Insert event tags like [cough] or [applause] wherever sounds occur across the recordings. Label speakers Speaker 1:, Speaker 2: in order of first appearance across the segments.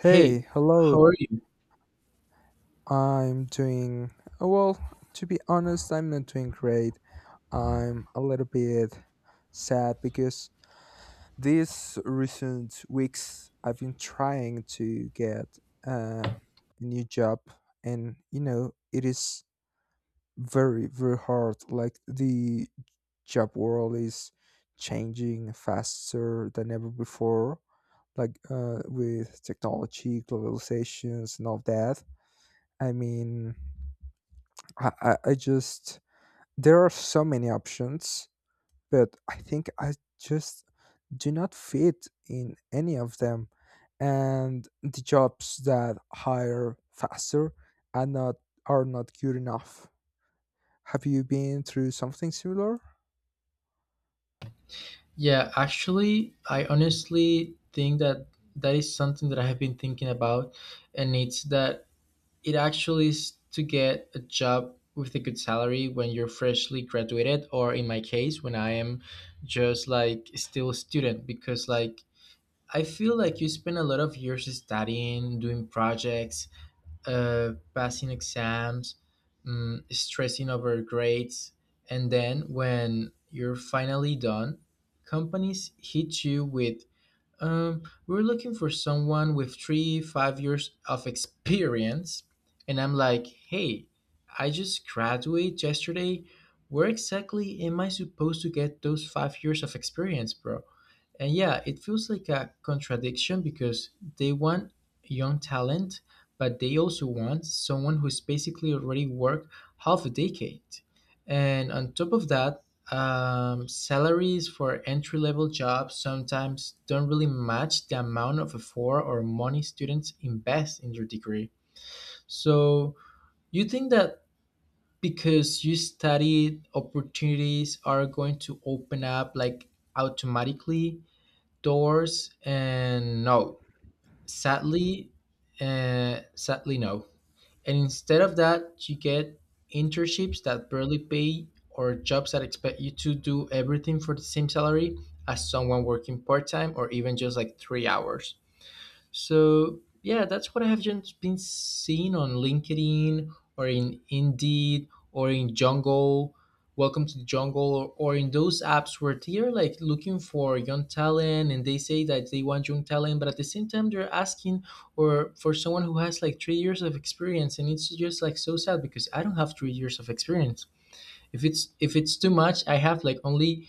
Speaker 1: Hey, how
Speaker 2: hello.
Speaker 1: are you?
Speaker 2: I'm doing well, to be honest, I'm not doing great. I'm a little bit sad because these recent weeks I've been trying to get a new job, and you know, it is very, very hard. Like, the job world is changing faster than ever before, like, with technology, globalizations, and all that. I mean, I just there are so many options, but I think I just do not fit in any of them. And the jobs that hire faster are not are not good enough. Have you been through something similar?
Speaker 1: Yeah, actually, I honestly think that that is something that I have been thinking about, and it's that it actually is to get a job with a good salary when you're freshly graduated, or in my case, when I am just like still a student, because like I feel like you spend a lot of years studying, doing projects, passing exams, stressing over grades, and then when you're finally done, companies hit you with, "We're looking for someone with three, 5 years of experience," and I'm like, "Hey, I just graduated yesterday. Where exactly am I supposed to get those 5 years of experience, bro?" And yeah, it feels like a contradiction because they want young talent, but they also want someone who's basically already worked half a decade. And on top of that, salaries for entry level jobs sometimes don't really match the amount of effort or money students invest in their degree. So, you think that because you studied, opportunities are going to open up like automatically doors, and no, sadly, sadly no. And instead of that, you get internships that barely pay, or jobs that expect you to do everything for the same salary as someone working part-time or even just like 3 hours. So yeah, that's what I have just been seeing on LinkedIn, or in Indeed, or in Jungle, Welcome to the Jungle, or in those apps where they're like looking for young talent and they say that they want young talent, but at the same time they're asking or for someone who has like 3 years of experience, and it's just like so sad because I don't have 3 years of experience. If it's too much, I have like only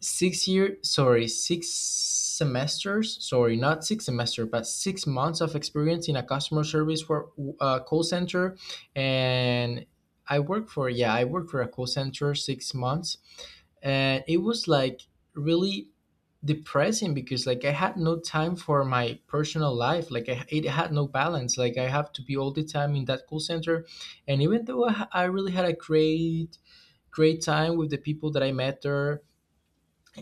Speaker 1: six semesters sorry not six semester but 6 months of experience in a customer service for a call center. And I worked for a call center 6 months, and it was like really depressing because like I had no time for my personal life. It had no balance. Like, I have to be all the time in that call center. And even though I really had a great time with the people that I met there,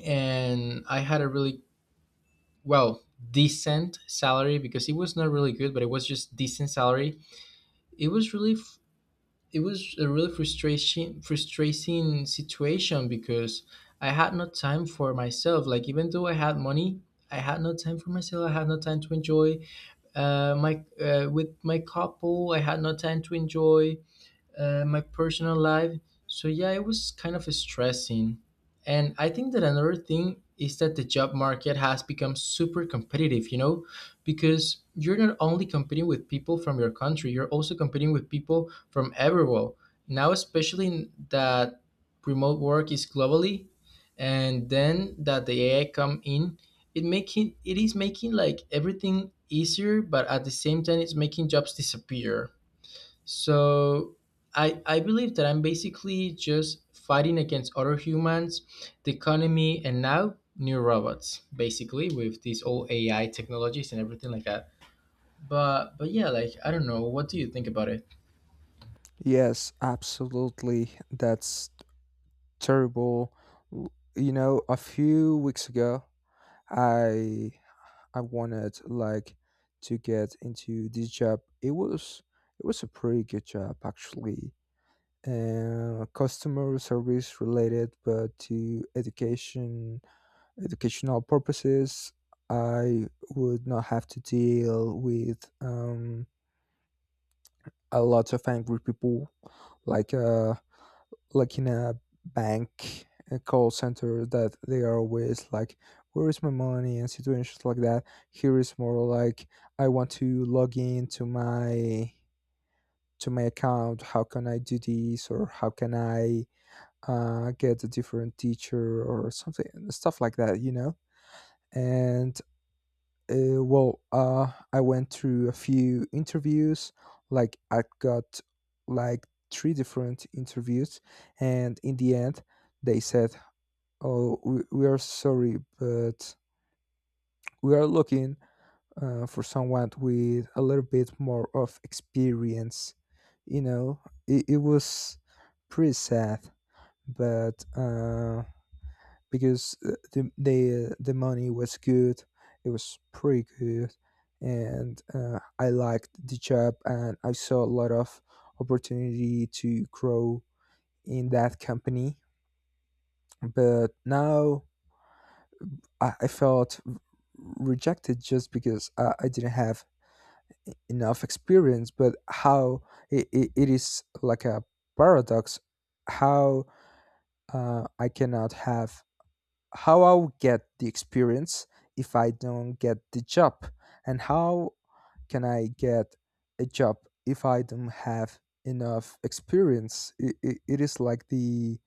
Speaker 1: and I had a really, well, decent salary, because it was not really good, but it was just decent salary. It was really it was a really frustration frustrating situation because I had no time for myself. Like, even though I had money, I had no time for myself. I had no time to enjoy my with my couple. I had no time to enjoy my personal life. So yeah, it was kind of stressing. And I think that another thing is that the job market has become super competitive, you know, because you're not only competing with people from your country, you're also competing with people from everywhere. Now, especially in that remote work is globally, and then that the AI come in, it is making like everything easier, but at the same time, it's making jobs disappear. So I believe that I'm basically just fighting against other humans, the economy, and now new robots, basically with these old AI technologies and everything like that. But yeah, like I don't know. What do you think about it?
Speaker 2: Yes, absolutely. That's terrible. W- You know, a few weeks ago, I I wanted like to get into this job. It was a pretty good job actually. Customer service related, but to educational purposes, I would not have to deal with a lot of angry people like uh like in a bank a call center that they are always like, where is my money, and situations like that. Here is more like, I want to log in to my account. How can I do this, or how can I get a different teacher or something, stuff like that, you know. And well, I went through a few interviews. Like I got like three different interviews, and in the end they said, oh, we are sorry, but we are looking for someone with a little bit more of experience. You know, it was pretty sad, but because the the money was good, it was pretty good, and I liked the job, and I saw a lot of opportunity to grow in that company. But now I felt rejected just because I didn't have enough experience. But how it is like a paradox. How I cannot have, how I'll get the experience if I don't get the job, and how can I get a job if I don't have enough experience? It is like the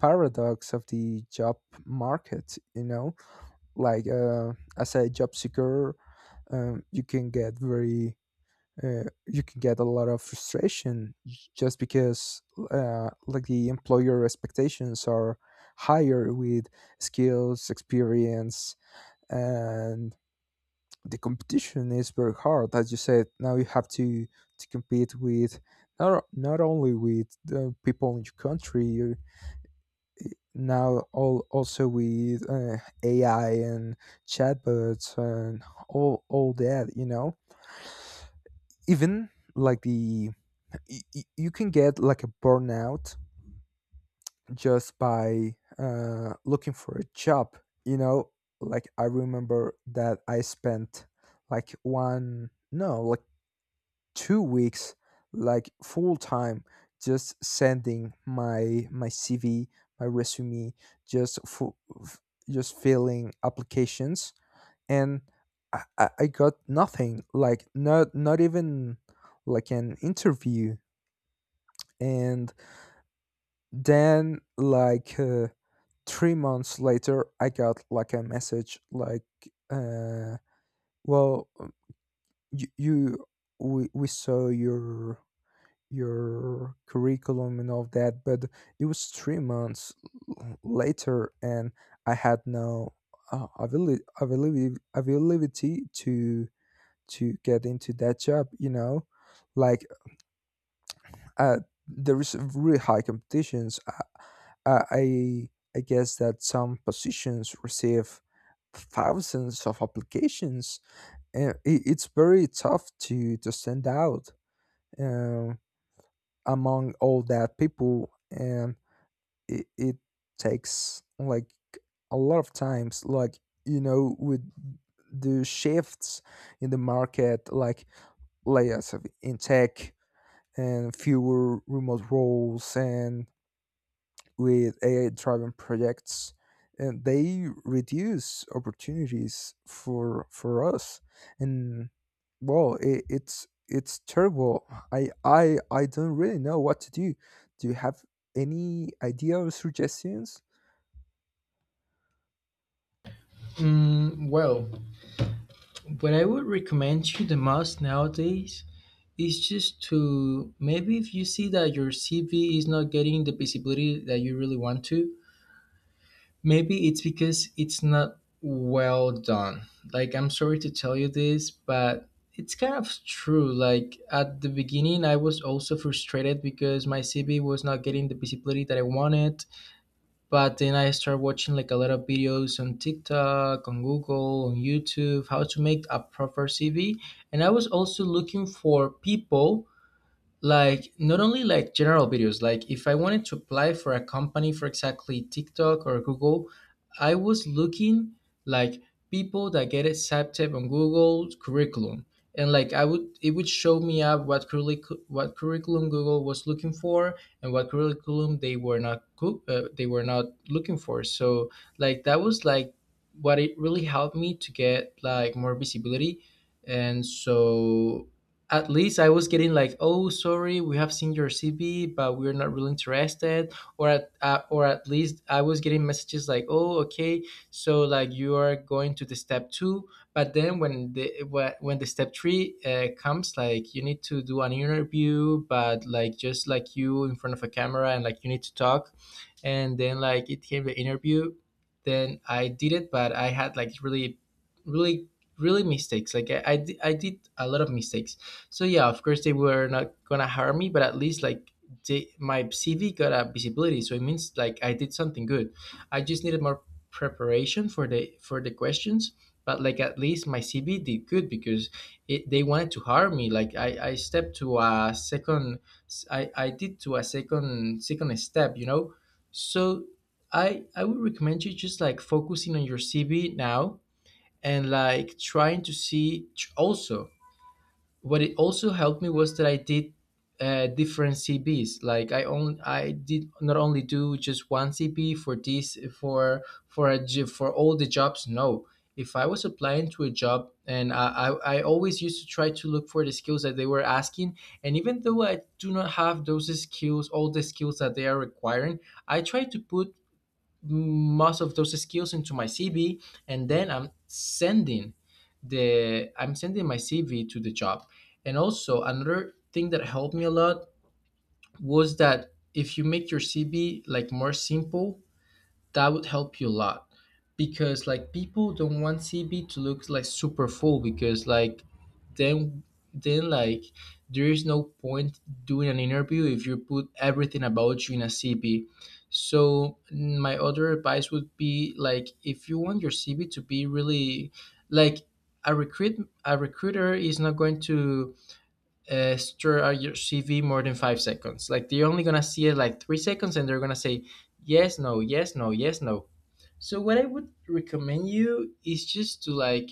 Speaker 2: paradox of the job market, you know? Like as a job seeker, you can get very you can get a lot of frustration just because like the employer expectations are higher with skills experience, and the competition is very hard. As you said, now you have to compete with not only with the people in your country, now all also with AI and chatbots and all that, you know. Even like the you can get like a burnout just by looking for a job, you know. Like, I remember that I spent like one, no, like 2 weeks like full time just sending my cv, my resume, just for just filling applications, and I I got nothing. Like not even like an interview. And then like 3 months later I got like a message like, uh well, you, we saw your curriculum and all that, but it was 3 months later, and I had no availability to get into that job, you know. Like uh, there is really high competitions. i i, I guess that some positions receive thousands of applications, and it's very tough to stand out um, among all that people. And it takes like a lot of times, like, you know, with the shifts in the market, like layers of in tech and fewer remote roles and with ai driven projects, and they reduce opportunities for us. And well, it's terrible. I don't really know what to do. Do you have any idea or suggestions?
Speaker 1: Mm, well, what I would recommend you the most nowadays is just to, maybe if you see that your CV is not getting the visibility that you really want to, maybe it's because it's not well done. Like, I'm sorry to tell you this, but it's kind of true. Like, at the beginning, I was also frustrated because my CV was not getting the visibility that I wanted. But then I started watching like a lot of videos on TikTok, on Google, on YouTube, how to make a proper CV. And I was also looking for people, like not only like general videos, like if I wanted to apply for a company for exactly TikTok or Google, I was looking like people that get accepted on Google curriculum. And like I would it would show me up what curriculum, what curriculum Google was looking for and what curriculum they were not coo- they were not looking for. So like that was like what it really helped me to get like more visibility. And so at least I was getting like, "Oh, sorry, we have seen your CV, but we're not really interested," or at least I was getting messages like, "Oh, okay, so like you are going to the step two, but then when the step three comes, like you need to do an interview, but like just like you in front of a camera and like you need to talk, and then like it came the interview, then I did it, but I had like really, really mistakes. Like I did a lot of mistakes. So yeah, of course they were not gonna hire me, but at least like my CV got a visibility, so it means like I did something good. I just needed more preparation for the questions, but like at least my CV did good because they wanted to hire me. Like I stepped to a second, I did to a second step, you know. So I would recommend you just like focusing on your CV now, and like trying to see also what it also helped me was that I did different CVs. Like I did not only do just one CV for this for for all the jobs. No, if I was applying to a job, and I always used to try to look for the skills that they were asking. And even though I do not have those skills, all the skills that they are requiring, I try to put most of those skills into my CV, and then I'm sending my CV to the job. And also another thing that helped me a lot was that if you make your CV like more simple, that would help you a lot, because like people don't want CB to look like super full, because like then then like there is no point doing an interview if you put everything about you in a CB. So my other advice would be like if you want your CV to be really, like, a recruit a recruiter is not going to stir out your CV more than 5 seconds. Like they're only gonna see it like 3 seconds, and they're gonna say yes, no, yes, no, yes, no. So what I would recommend you is just to like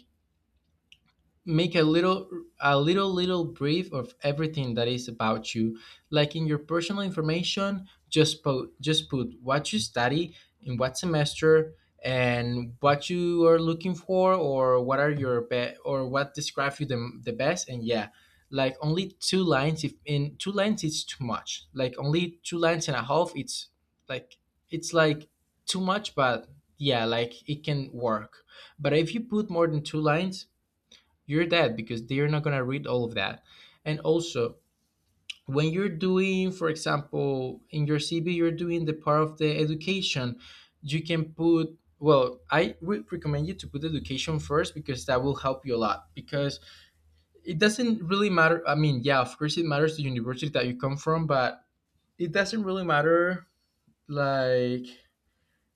Speaker 1: make a little little brief of everything that is about you. Like in your personal information, just put what you study, in what semester, and what you are looking for, or what are your or what describes you the best. And yeah, like only 2 lines. If in 2 lines it's too much, like only 2 lines and a half, it's like, it's like too much, but yeah, like it can work. But if you put more than 2 lines, you're dead because they're not going to read all of that. And also when you're doing, for example, in your CV, you're doing the part of the education, you can put, well, I would recommend you to put education first because that will help you a lot. Because it doesn't really matter, I mean, yeah, of course it matters, the university that you come from, but it doesn't really matter, like,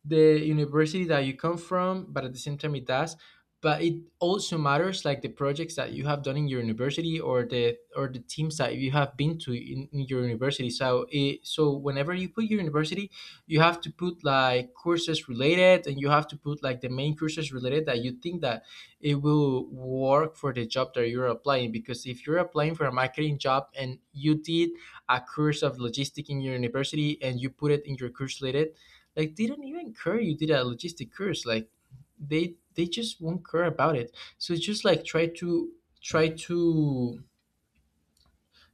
Speaker 1: the university that you come from, but at the same time it does. But it also matters like the projects that you have done in your university, or the teams that you have been to in your university. So it, so whenever you put your university, you have to put like courses related, and you have to put like the main courses related that you think that it will work for the job that you're applying. Because if you're applying for a marketing job and you did a course of logistics in your university and you put it in your course related, like they don't even care you did a logistic course. Like they just won't care about it. So it's just like try to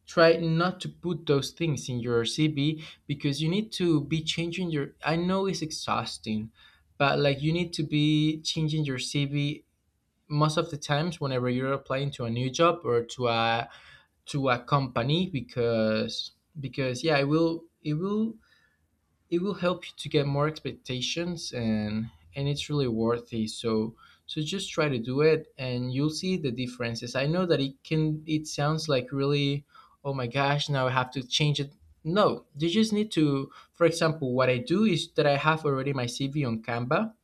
Speaker 1: try not to put those things in your CV, because you need to be changing your, I know it's exhausting, but like you need to be changing your CV most of the times whenever you're applying to a new job or to a company. Because yeah, it will help you to get more expectations and it's really worthy. So just try to do it, and you'll see the differences. I know that it sounds like, really, oh my gosh, now I have to change it. No, you just need to, for example, what I do is that I have already my cv on Canva,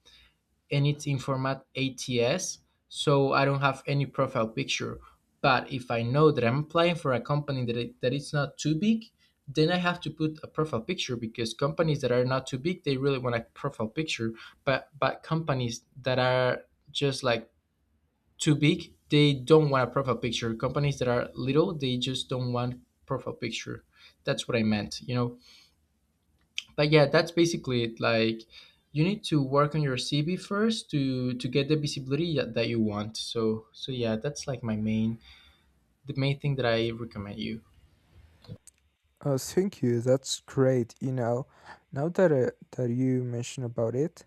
Speaker 1: and it's in format ATS, so I don't have any profile picture. But if I know that I'm applying for a company that it, that it's not too big, then I have to put a profile picture because companies that are not too big, they really want a profile picture. But companies that are just like too big, they don't want a profile picture. Companies that are little, they just don't want profile picture. That's what I meant. But yeah, that's basically it. Like, you need to work on your cv first to get the visibility that you want. So yeah, that's like my main the main thing that I recommend you.
Speaker 2: Oh, thank you. That's great. You know, now that that you mention about it,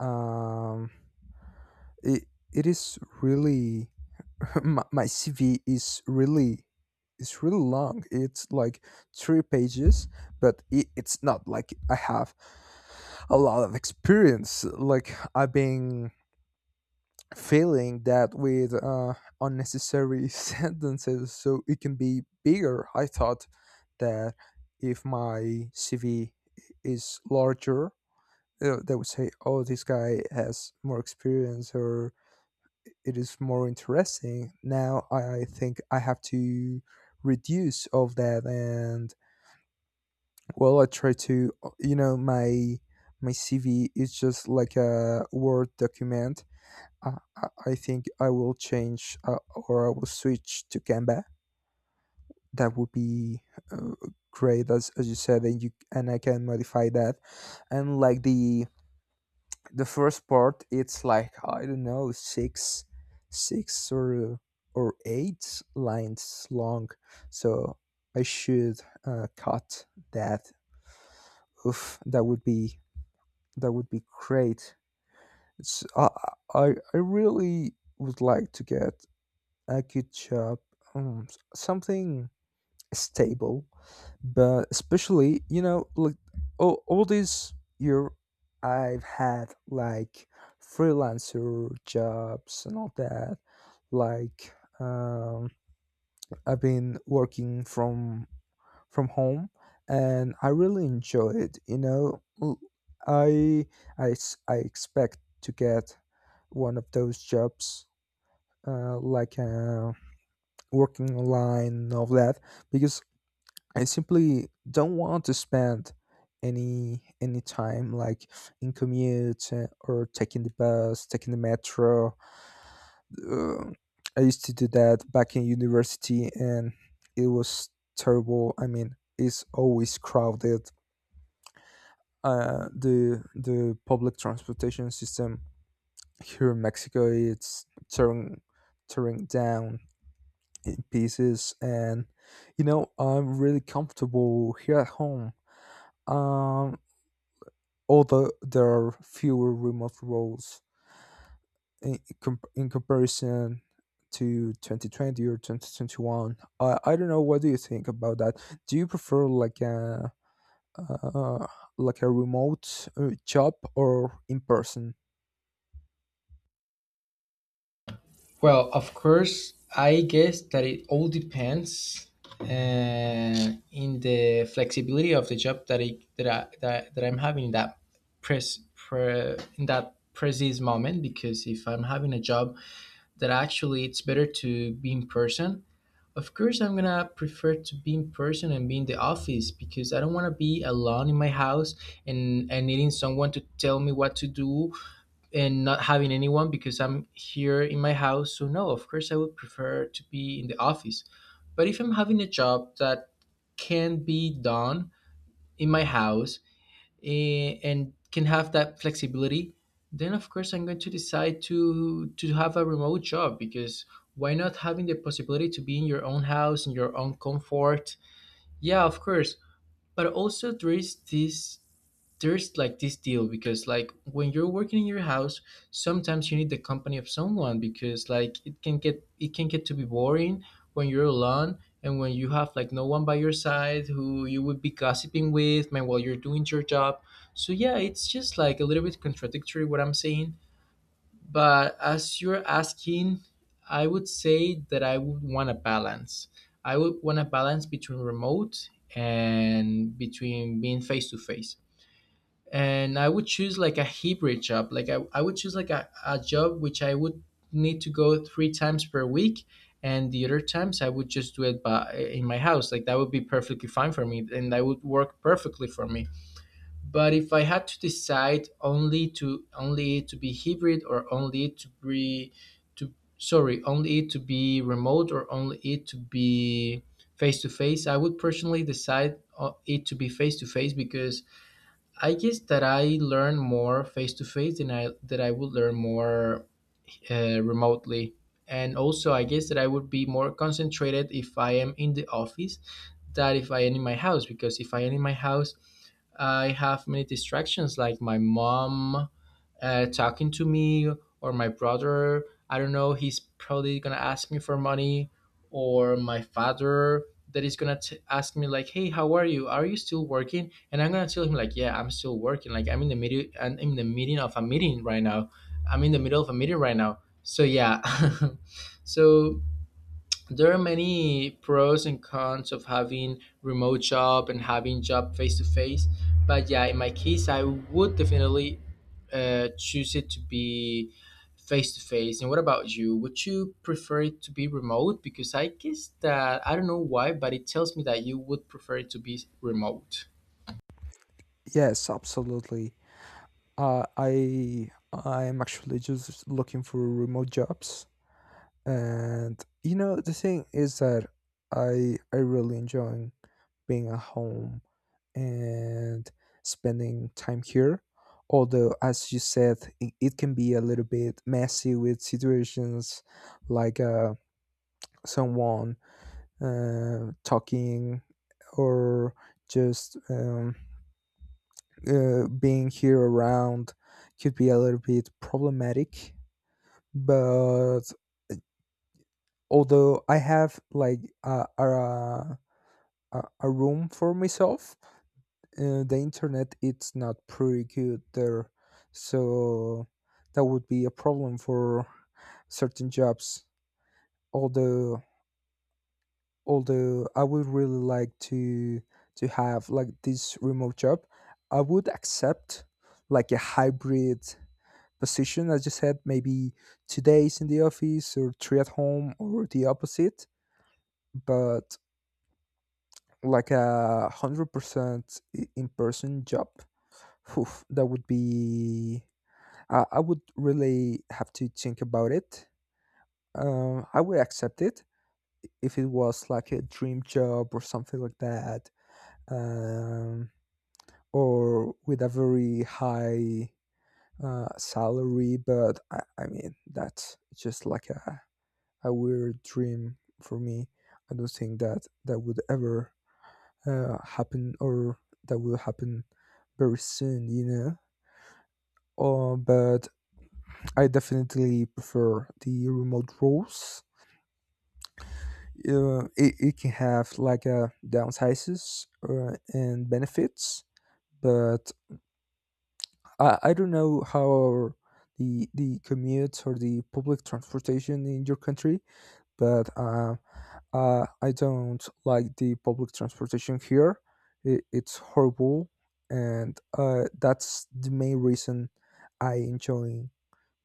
Speaker 2: um, it is really [laughs] my CV is really it's really long. It's like 3 pages, but it's not like I have a lot of experience. Like I've been filling that with unnecessary [laughs] sentences, so it can be bigger. I thought that if my CV is larger, they would say, "Oh, this guy has more experience," or it is more interesting. Now I think I have to reduce of that. And well, I try to you know, my cv is just like a word document. i, I think I will change or I will switch to canva. That would be uh, great, as you said, and you and I can modify that. And like the first part, it's like, I don't know, six six or uh, or eight lines long. So I should cut that. Oof, that would be great. it's, I, I really would like to get a good job, something stable. But especially you know, like all this year I've had like freelancer jobs and all that. Like um, I've been working from home, and I really enjoy it, you know. I I expect to get one of those jobs, like working online and all that. Because I simply don't want to spend any time like in commute or taking the bus, taking the metro. Uh, I used to do that back in university, and it was terrible. I mean, it's always crowded. The public transportation system here in Mexico, it's tearing down in pieces, and you know, I'm really comfortable here at home. Um, Although there are fewer remote roles in comparison to 2020 or 2021, I don't know, what do you think about that? Do you prefer uh, like a remote job or in person?
Speaker 1: Well, of course, I guess that it all depends, in the flexibility of the job that I'm having in that precise moment. Because if I'm having a job that actually it's better to be in person, of course I'm gonna prefer to be in person and be in the office, because I don't want to be alone in my house, and needing someone to tell me what to do and not having anyone because I'm here in my house. So no, of course I would prefer to be in the office. But if I'm having a job that can be done in my house, and can have that flexibility, then of course I'm going to decide to have a remote job, because why not having the possibility to be in your own house, in your own comfort? Yeah, of course. But also there's like this deal, because like, when you're working in your house, sometimes you need the company of someone, because like it can get to be boring when you're alone, and when you have like no one by your side who you would be gossiping with, man, while you're doing your job. So yeah, it's just like a little bit contradictory what I'm saying, but as you're asking, I would say that I would want a balance. I would want a balance between remote and between being face to face, and I would choose like a hybrid job. Like I would choose like a job which I would need to go three times per week, and the other times I would just do it by in my house. Like, that would be perfectly fine for me, and that would work perfectly for me. But if I had to decide only to be hybrid, or only to be remote, or only it to be face to face, I would personally decide, it to be face to face, because I guess that I learn more face to face than I would learn more, remotely. And also, I guess that I would be more concentrated if I am in the office than if I am in my house. Because if I am in my house, I have many distractions, like my mom, talking to me, or my brother. I don't know, he's probably gonna ask me for money, or my father, that is gonna ask me like, "Hey, how are you? Are you still working?" And I'm gonna tell him like, "Yeah, I'm still working. Like, I'm in the middle and in the meeting of a meeting right now. I'm in the middle of a meeting right now." So yeah, [laughs] so there are many pros and cons of having remote job and having job face to face, but yeah, in my case, I would definitely, choose it to be face to face. And what about you? Would you prefer it to be remote? Because I guess that, I don't know why, but it tells me that you would prefer it to be remote.
Speaker 2: Yes, absolutely. I'm actually just looking for remote jobs. And you know, the thing is that I really enjoy being at home and spending time here. Although, as you said, it can be a little bit messy with situations like someone talking or just being here around, could be a little bit problematic. But although I have like a room for myself, the internet it's not pretty good there, so that would be a problem for certain jobs. Although I would really like to have like this remote job, I would accept like a hybrid position, as you said, maybe 2 days in the office or 3 at home, or the opposite. But like 100% in person job, oof, that would be I would really have to think about it. I would accept it if it was like a dream job or something like that, um, or with a very high salary. But I mean, that's just like a weird dream for me. I don't think that that would ever happen, or that will happen very soon, you know? But I definitely prefer the remote roles. It can have like downsides and benefits. But I don't know how our, the commute or the public transportation in your country. But I don't like the public transportation here. It's horrible. And that's the main reason I enjoy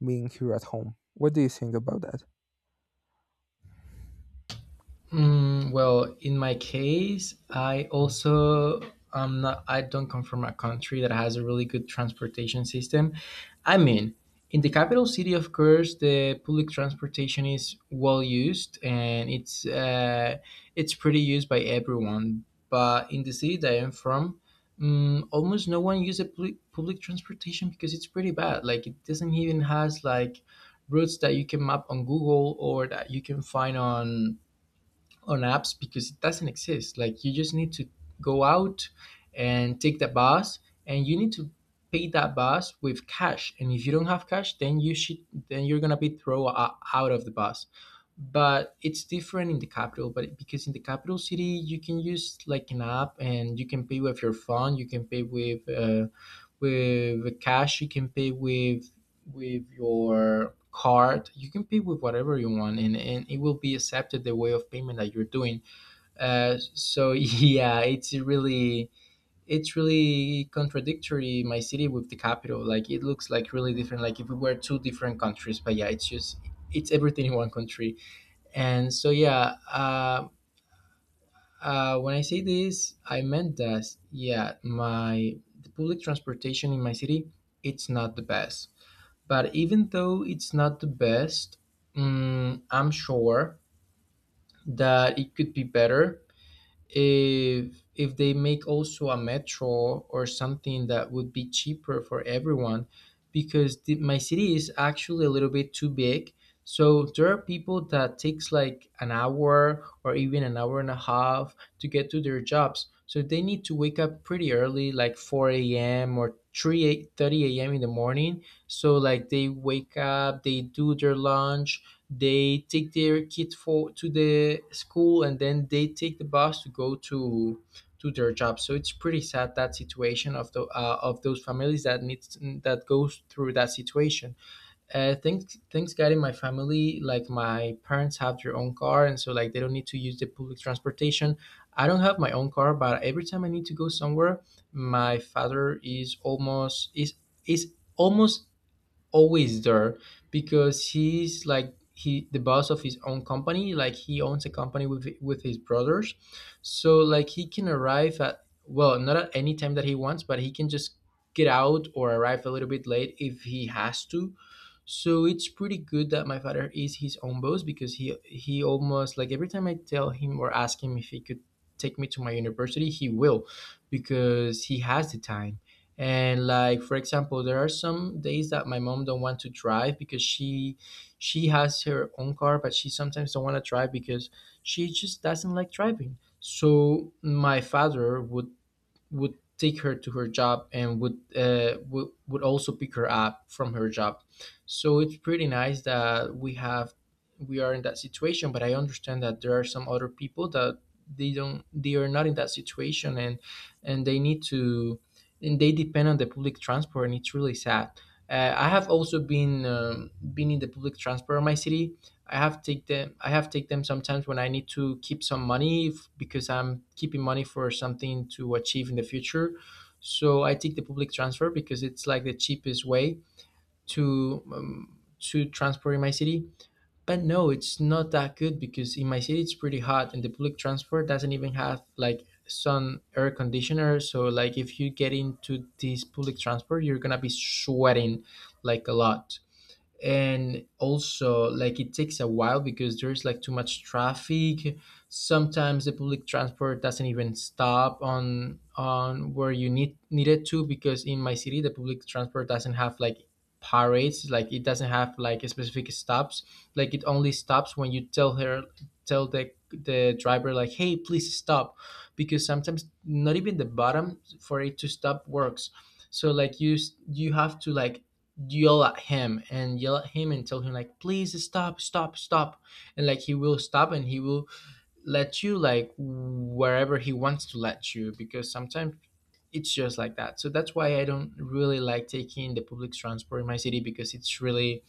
Speaker 2: being here at home. What do you think about that?
Speaker 1: Mm, well, in my case, I also, I don't come from a country that has a really good transportation system. I mean, in the capital city, of course, the public transportation is well used, and it's pretty used by everyone. But in the city that I'm from, almost no one uses public transportation because it's pretty bad. Like, it doesn't even has like routes that you can map on Google, or that you can find on apps, because it doesn't exist. Like, you just need to go out and take the bus, and you need to pay that bus with cash. And if you don't have cash, then you should then you're gonna be thrown out of the bus. But it's different in the capital, but because in the capital city you can use like an app, and you can pay with your phone, you can pay with cash, you can pay with your card, you can pay with whatever you want, and it will be accepted, the way of payment that you're doing. So [laughs] yeah, it's really contradictory, my city with the capital. Like, it looks like really different, like if we were two different countries, but yeah, it's everything in one country. And so, yeah, when I say this, I meant that, yeah, my the public transportation in my city, it's not the best. But even though it's not the best, I'm sure that it could be better if they make also a metro or something that would be cheaper for everyone. Because my city is actually a little bit too big, so there are people that takes like an hour, or even an hour and a half, to get to their jobs. So they need to wake up pretty early, like 4 a.m. or 3:30 a.m. in the morning. So like, they wake up, they do their lunch, they take their kid for to the school, and then they take the bus to go to their job. So it's pretty sad, that situation of those families that goes through that situation. Thanks God, in my family, like my parents have their own car, and so like they don't need to use the public transportation. I don't have my own car, but every time I need to go somewhere, my father is almost always there, because he's like, he the boss of his own company, like he owns a company with his brothers. So like, he can arrive at, well, not at any time that he wants, but he can just get out or arrive a little bit late if he has to. So it's pretty good that my father is his own boss, because he almost, like, every time I tell him or ask him if he could take me to my university, he will, because he has the time. And like, for example, there are some days that my mom don't want to drive, because she has her own car, but she sometimes don't want to drive, because she just doesn't like driving. So my father would take her to her job, and would also pick her up from her job. So it's pretty nice that we are in that situation, but I understand that there are some other people that they are not in that situation, and they need to and they depend on the public transport, and it's really sad. I have also been in the public transport in my city. I have take them. I have take them sometimes when I need to keep some money, because I'm keeping money for something to achieve in the future. So I take the public transfer, because it's like the cheapest way to um, to transport in my city. But no, it's not that good, because in my city it's pretty hot, and the public transport doesn't even have like sun air conditioner. So like if you get into this public transport, you're gonna be sweating like a lot. And also like it takes a while because there's like too much traffic. Sometimes the public transport doesn't even stop on where you needed to, because in my city the public transport doesn't have like parades. Like it doesn't have like specific stops, like it only stops when you tell her, tell the driver like, hey, please stop. Because sometimes not even the bottom for it to stop works, so like you have to like yell at him and yell at him and tell him like, please stop, stop, stop. And like he will stop, and he will let you like wherever he wants to let you, because sometimes it's just like that. So that's why I don't really like taking the public transport in my city, because it's really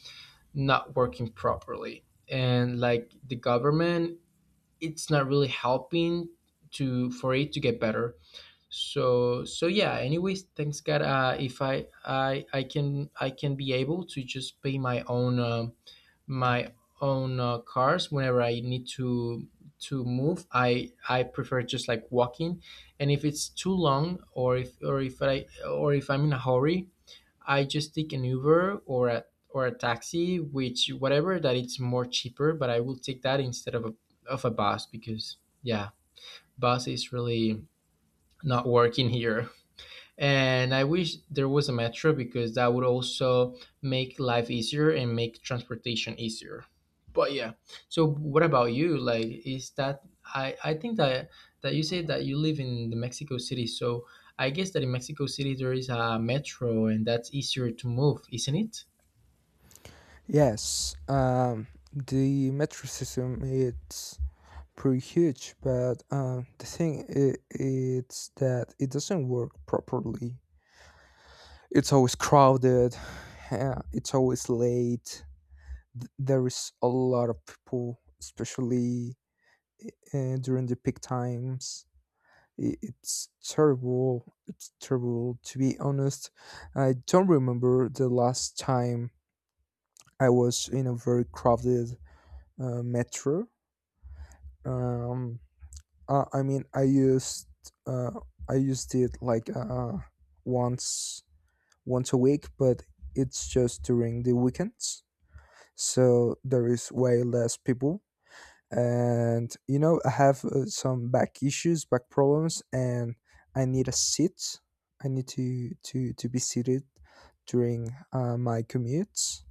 Speaker 1: not working properly. And like the government, it's not really helping to, for it to get better. So yeah, anyways, thanks God, if I can be able to just pay my own cars. Whenever I need to move, I prefer just like walking. And if it's too long, or if I'm in a hurry, I just take an Uber or a taxi, which whatever that it's more cheaper, but I will take that instead of a bus. Because yeah, bus is really not working here, and I wish there was a metro, because that would also make life easier and make transportation easier. But yeah. So what about you? Like, is that, I think that you say that you live in the Mexico City. So I guess that in Mexico City there is a metro and that's easier to move, isn't it?
Speaker 2: Yes. The metro system, it's pretty huge, but the thing I it's that it doesn't work properly. It's always crowded. [sighs] It's always late. There is a lot of people, especially during the peak times. It's terrible, it's terrible, to be honest. I don't remember the last time I was in a very crowded metro. um, I mean, uh, I used it like once a week, but it's just during the weekends, so there is way less people. And you know, I have some back issues, back problems, and I need a seat. I need to be seated during my commutes,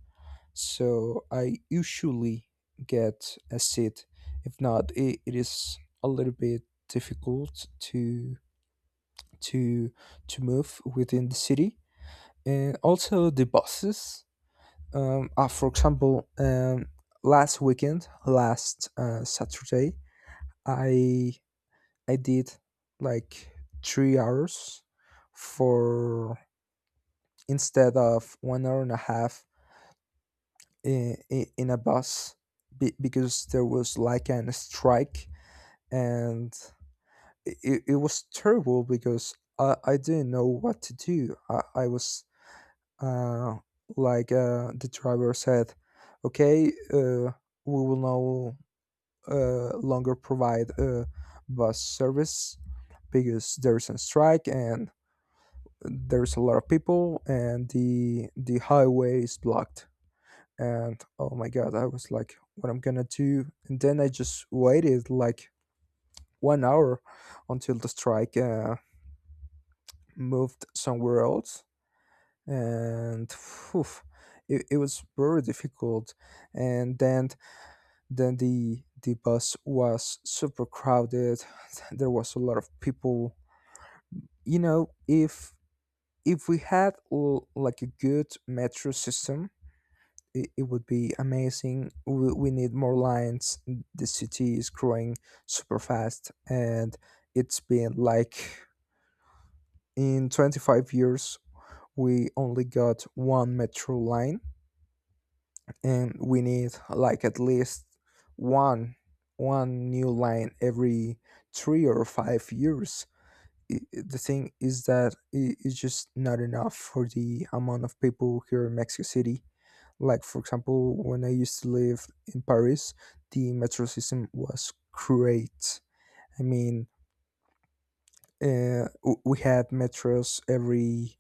Speaker 2: so I usually get a seat. If not, it is a little bit difficult to to move within the city. And also the buses. For example, last weekend, last Saturday, I I did like 3 hours for instead of 1 hour and a half in, in a bus because there was like an strike, and it was terrible because I didn't know what to do. I was uh, like the driver said, okay, uh, we will no longer provide bus service because there's a strike and there's a lot of people and the highway is blocked. And oh my god, I was like what I'm gonna do, and then I just waited like 1 hour until the strike moved somewhere else. And phew, it was very difficult. And then the bus was super crowded. [laughs] [sighs] There was a lot of people. If we had like a good metro system, it would be amazing. We need more lines. The city is growing super fast, and it's been like in 25 years, we only got one metro line, and we need like at least one one new line every 3 or 5 years. The thing is that it's just not enough for the amount of people here in Mexico City. Like, for example, when I used to live in Paris, the metro system was great. I mean, we had metros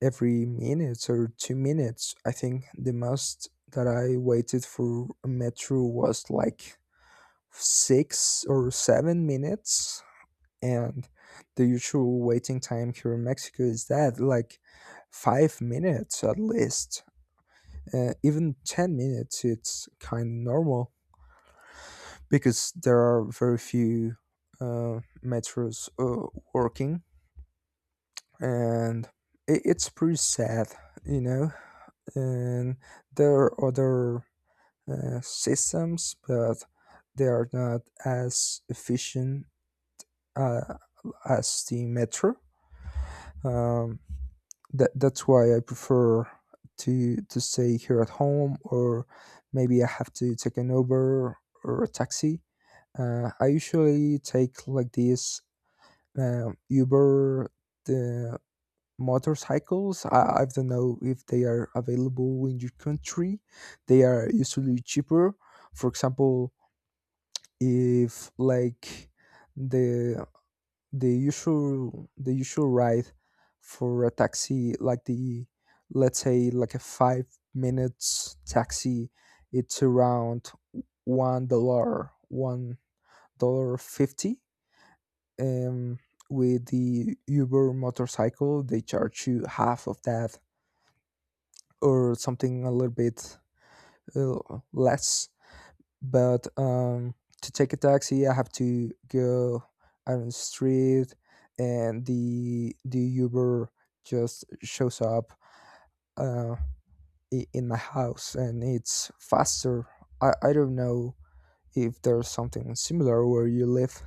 Speaker 2: every minute or 2 minutes. I think the most that I waited for a metro was like 6 or 7 minutes, and the usual waiting time here in Mexico is that like 5 minutes at least. Even 10 minutes, it's kind of normal, because there are very few metros working, and it's pretty sad, you know. And there are other systems, but they are not as efficient uh, as the metro. Um, that's why I prefer to stay here at home, or maybe I have to take an Uber or a taxi. I usually take like this Uber, the motorcycles. I don't know if they are available in your country. They are usually cheaper. For example, if like the the usual ride for a taxi, like the, let's say like a 5 minutes taxi, it's around $1, $1 50. um, with the Uber motorcycle, they charge you half of that, or something a little bit uh, less. But to take a taxi, I have to go out on the street, and the Uber just shows up uh, in my house, and it's faster. I don't know if there's something similar where you live.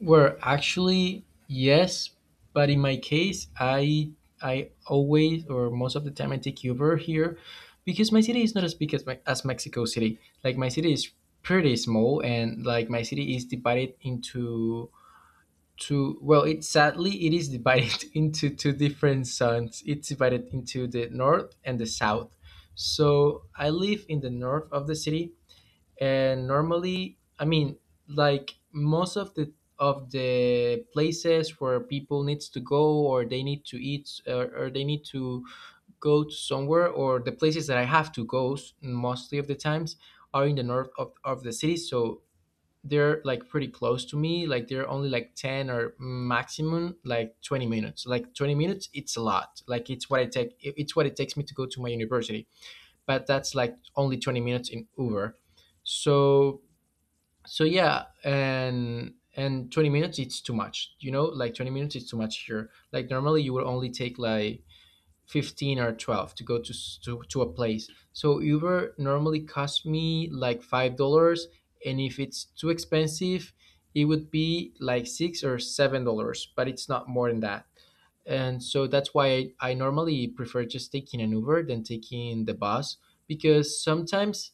Speaker 1: Well, actually, yes, but in my case, I always, or most of the time, I take Uber here, because my city is not as big as, as Mexico City. Like my city is pretty small, and like my city is divided into two. Well, it, sadly it is divided [laughs] into two different zones. It's divided into the north and the south. So I live in the north of the city, and normally, I mean, like most of the places where people needs to go, or they need to eat, or they need to go to somewhere, or the places that I have to go, mostly of the times, are in the north of the city. So they're like pretty close to me. Like they're only like 10 or maximum like 20 minutes. Like 20 minutes it's a lot. Like it's what I take, it's what it takes me to go to my university. But that's like only 20 minutes in Uber. So so yeah. And 20 minutes it's too much, you know. Like 20 minutes it's too much here. Like normally you will only take like 15 or 12 to go to a place. So Uber normally cost me like $5, and if it's too expensive it would be like $6 or $7, but it's not more than that. And so that's why I normally prefer just taking an Uber than taking the bus, because sometimes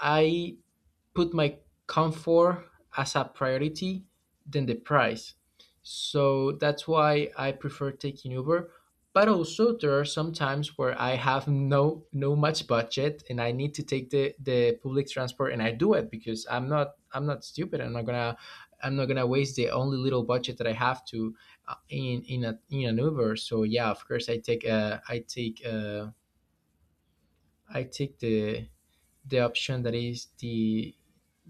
Speaker 1: I put my comfort as a priority than the price. So that's why I prefer taking Uber. But also there are some times where I have no much budget and I need to take the public transport, and I do it because I'm not stupid. I'm not gonna waste the only little budget that I have to in a in an Uber. So yeah, of course I take I take the option that is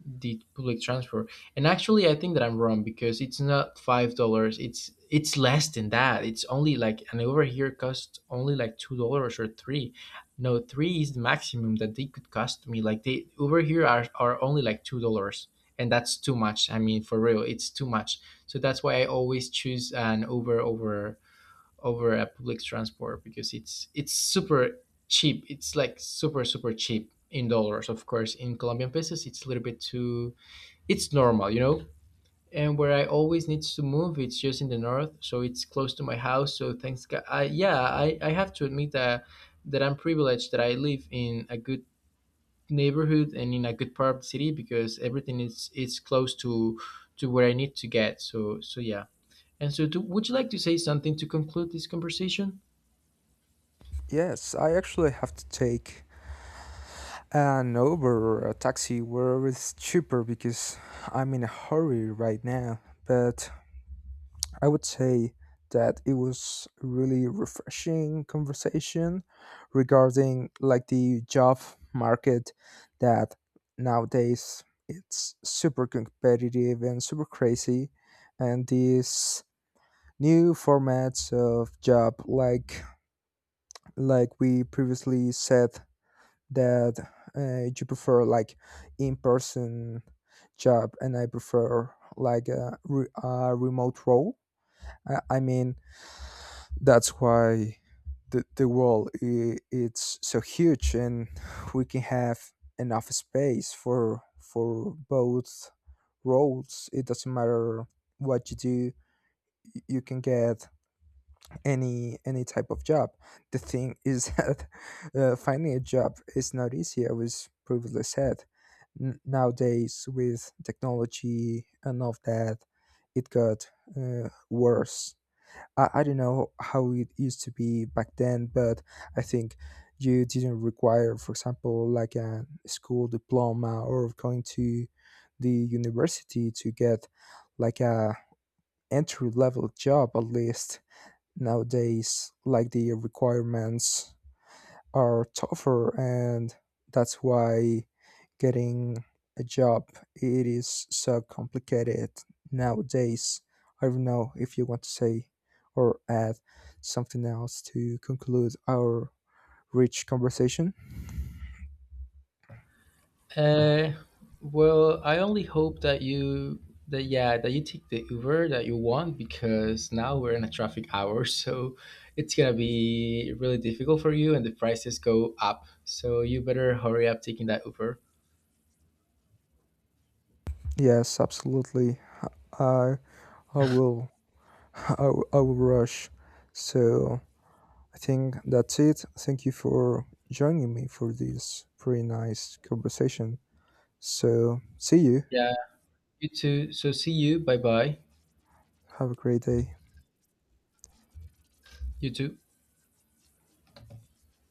Speaker 1: the public transport. And actually, I think that I'm wrong, because it's not $5. It's less than that. It's only like an, over here costs only like $2 or three. No, three is the maximum that they could cost me. Like they over here are only like $2, and that's too much. I mean, for real, it's too much. So that's why I always choose an Uber over a public transport, because it's super cheap. It's like super super cheap in dollars, of course. In Colombian pesos, it's a little bit too, it's normal, you know. And where I always needs to move, it's just in the north, so it's close to my house. So thanks, God. I, yeah, I have to admit that I'm privileged, that I live in a good neighborhood and in a good part of the city, because everything is close to where I need to get. So yeah. And so, would you like to say something to conclude this conversation?
Speaker 2: Yes, I actually have to take an Uber or a taxi wherever it's cheaper because I'm in a hurry right now. But I would say that it was a really refreshing conversation regarding like the job market that nowadays it's super competitive and super crazy, and these new formats of job, like we previously said, that you prefer like in-person job and I prefer like a remote role. I mean, that's why the world, I it's so huge, and we can have enough space for both roles. It doesn't matter what you do, you can get any type of job. The thing is [laughs] that finding a job is not easy, I was previously said. Nowadays, with technology and all of that, it got worse. I don't know how it used to be back then, but I think you didn't require, for example, like a school diploma or going to the university to get like a entry level job at least. Nowadays, like, the requirements are tougher, and that's why getting a job, it is so complicated nowadays. I don't know if you want to say or add something else to conclude our rich conversation.
Speaker 1: Uh, well, I only hope that you, that yeah, that you take the Uber that you want, because now we're in a traffic hour, [laughs] so it's gonna be really difficult for you, and the prices go up. So you better hurry up taking that Uber.
Speaker 2: Yes, absolutely. I I will. [laughs] I will rush. So I think that's it. Thank you for joining me for this pretty nice conversation. So, see you.
Speaker 1: Yeah, you too. So see you. Bye bye.
Speaker 2: Have a great day.
Speaker 1: You too.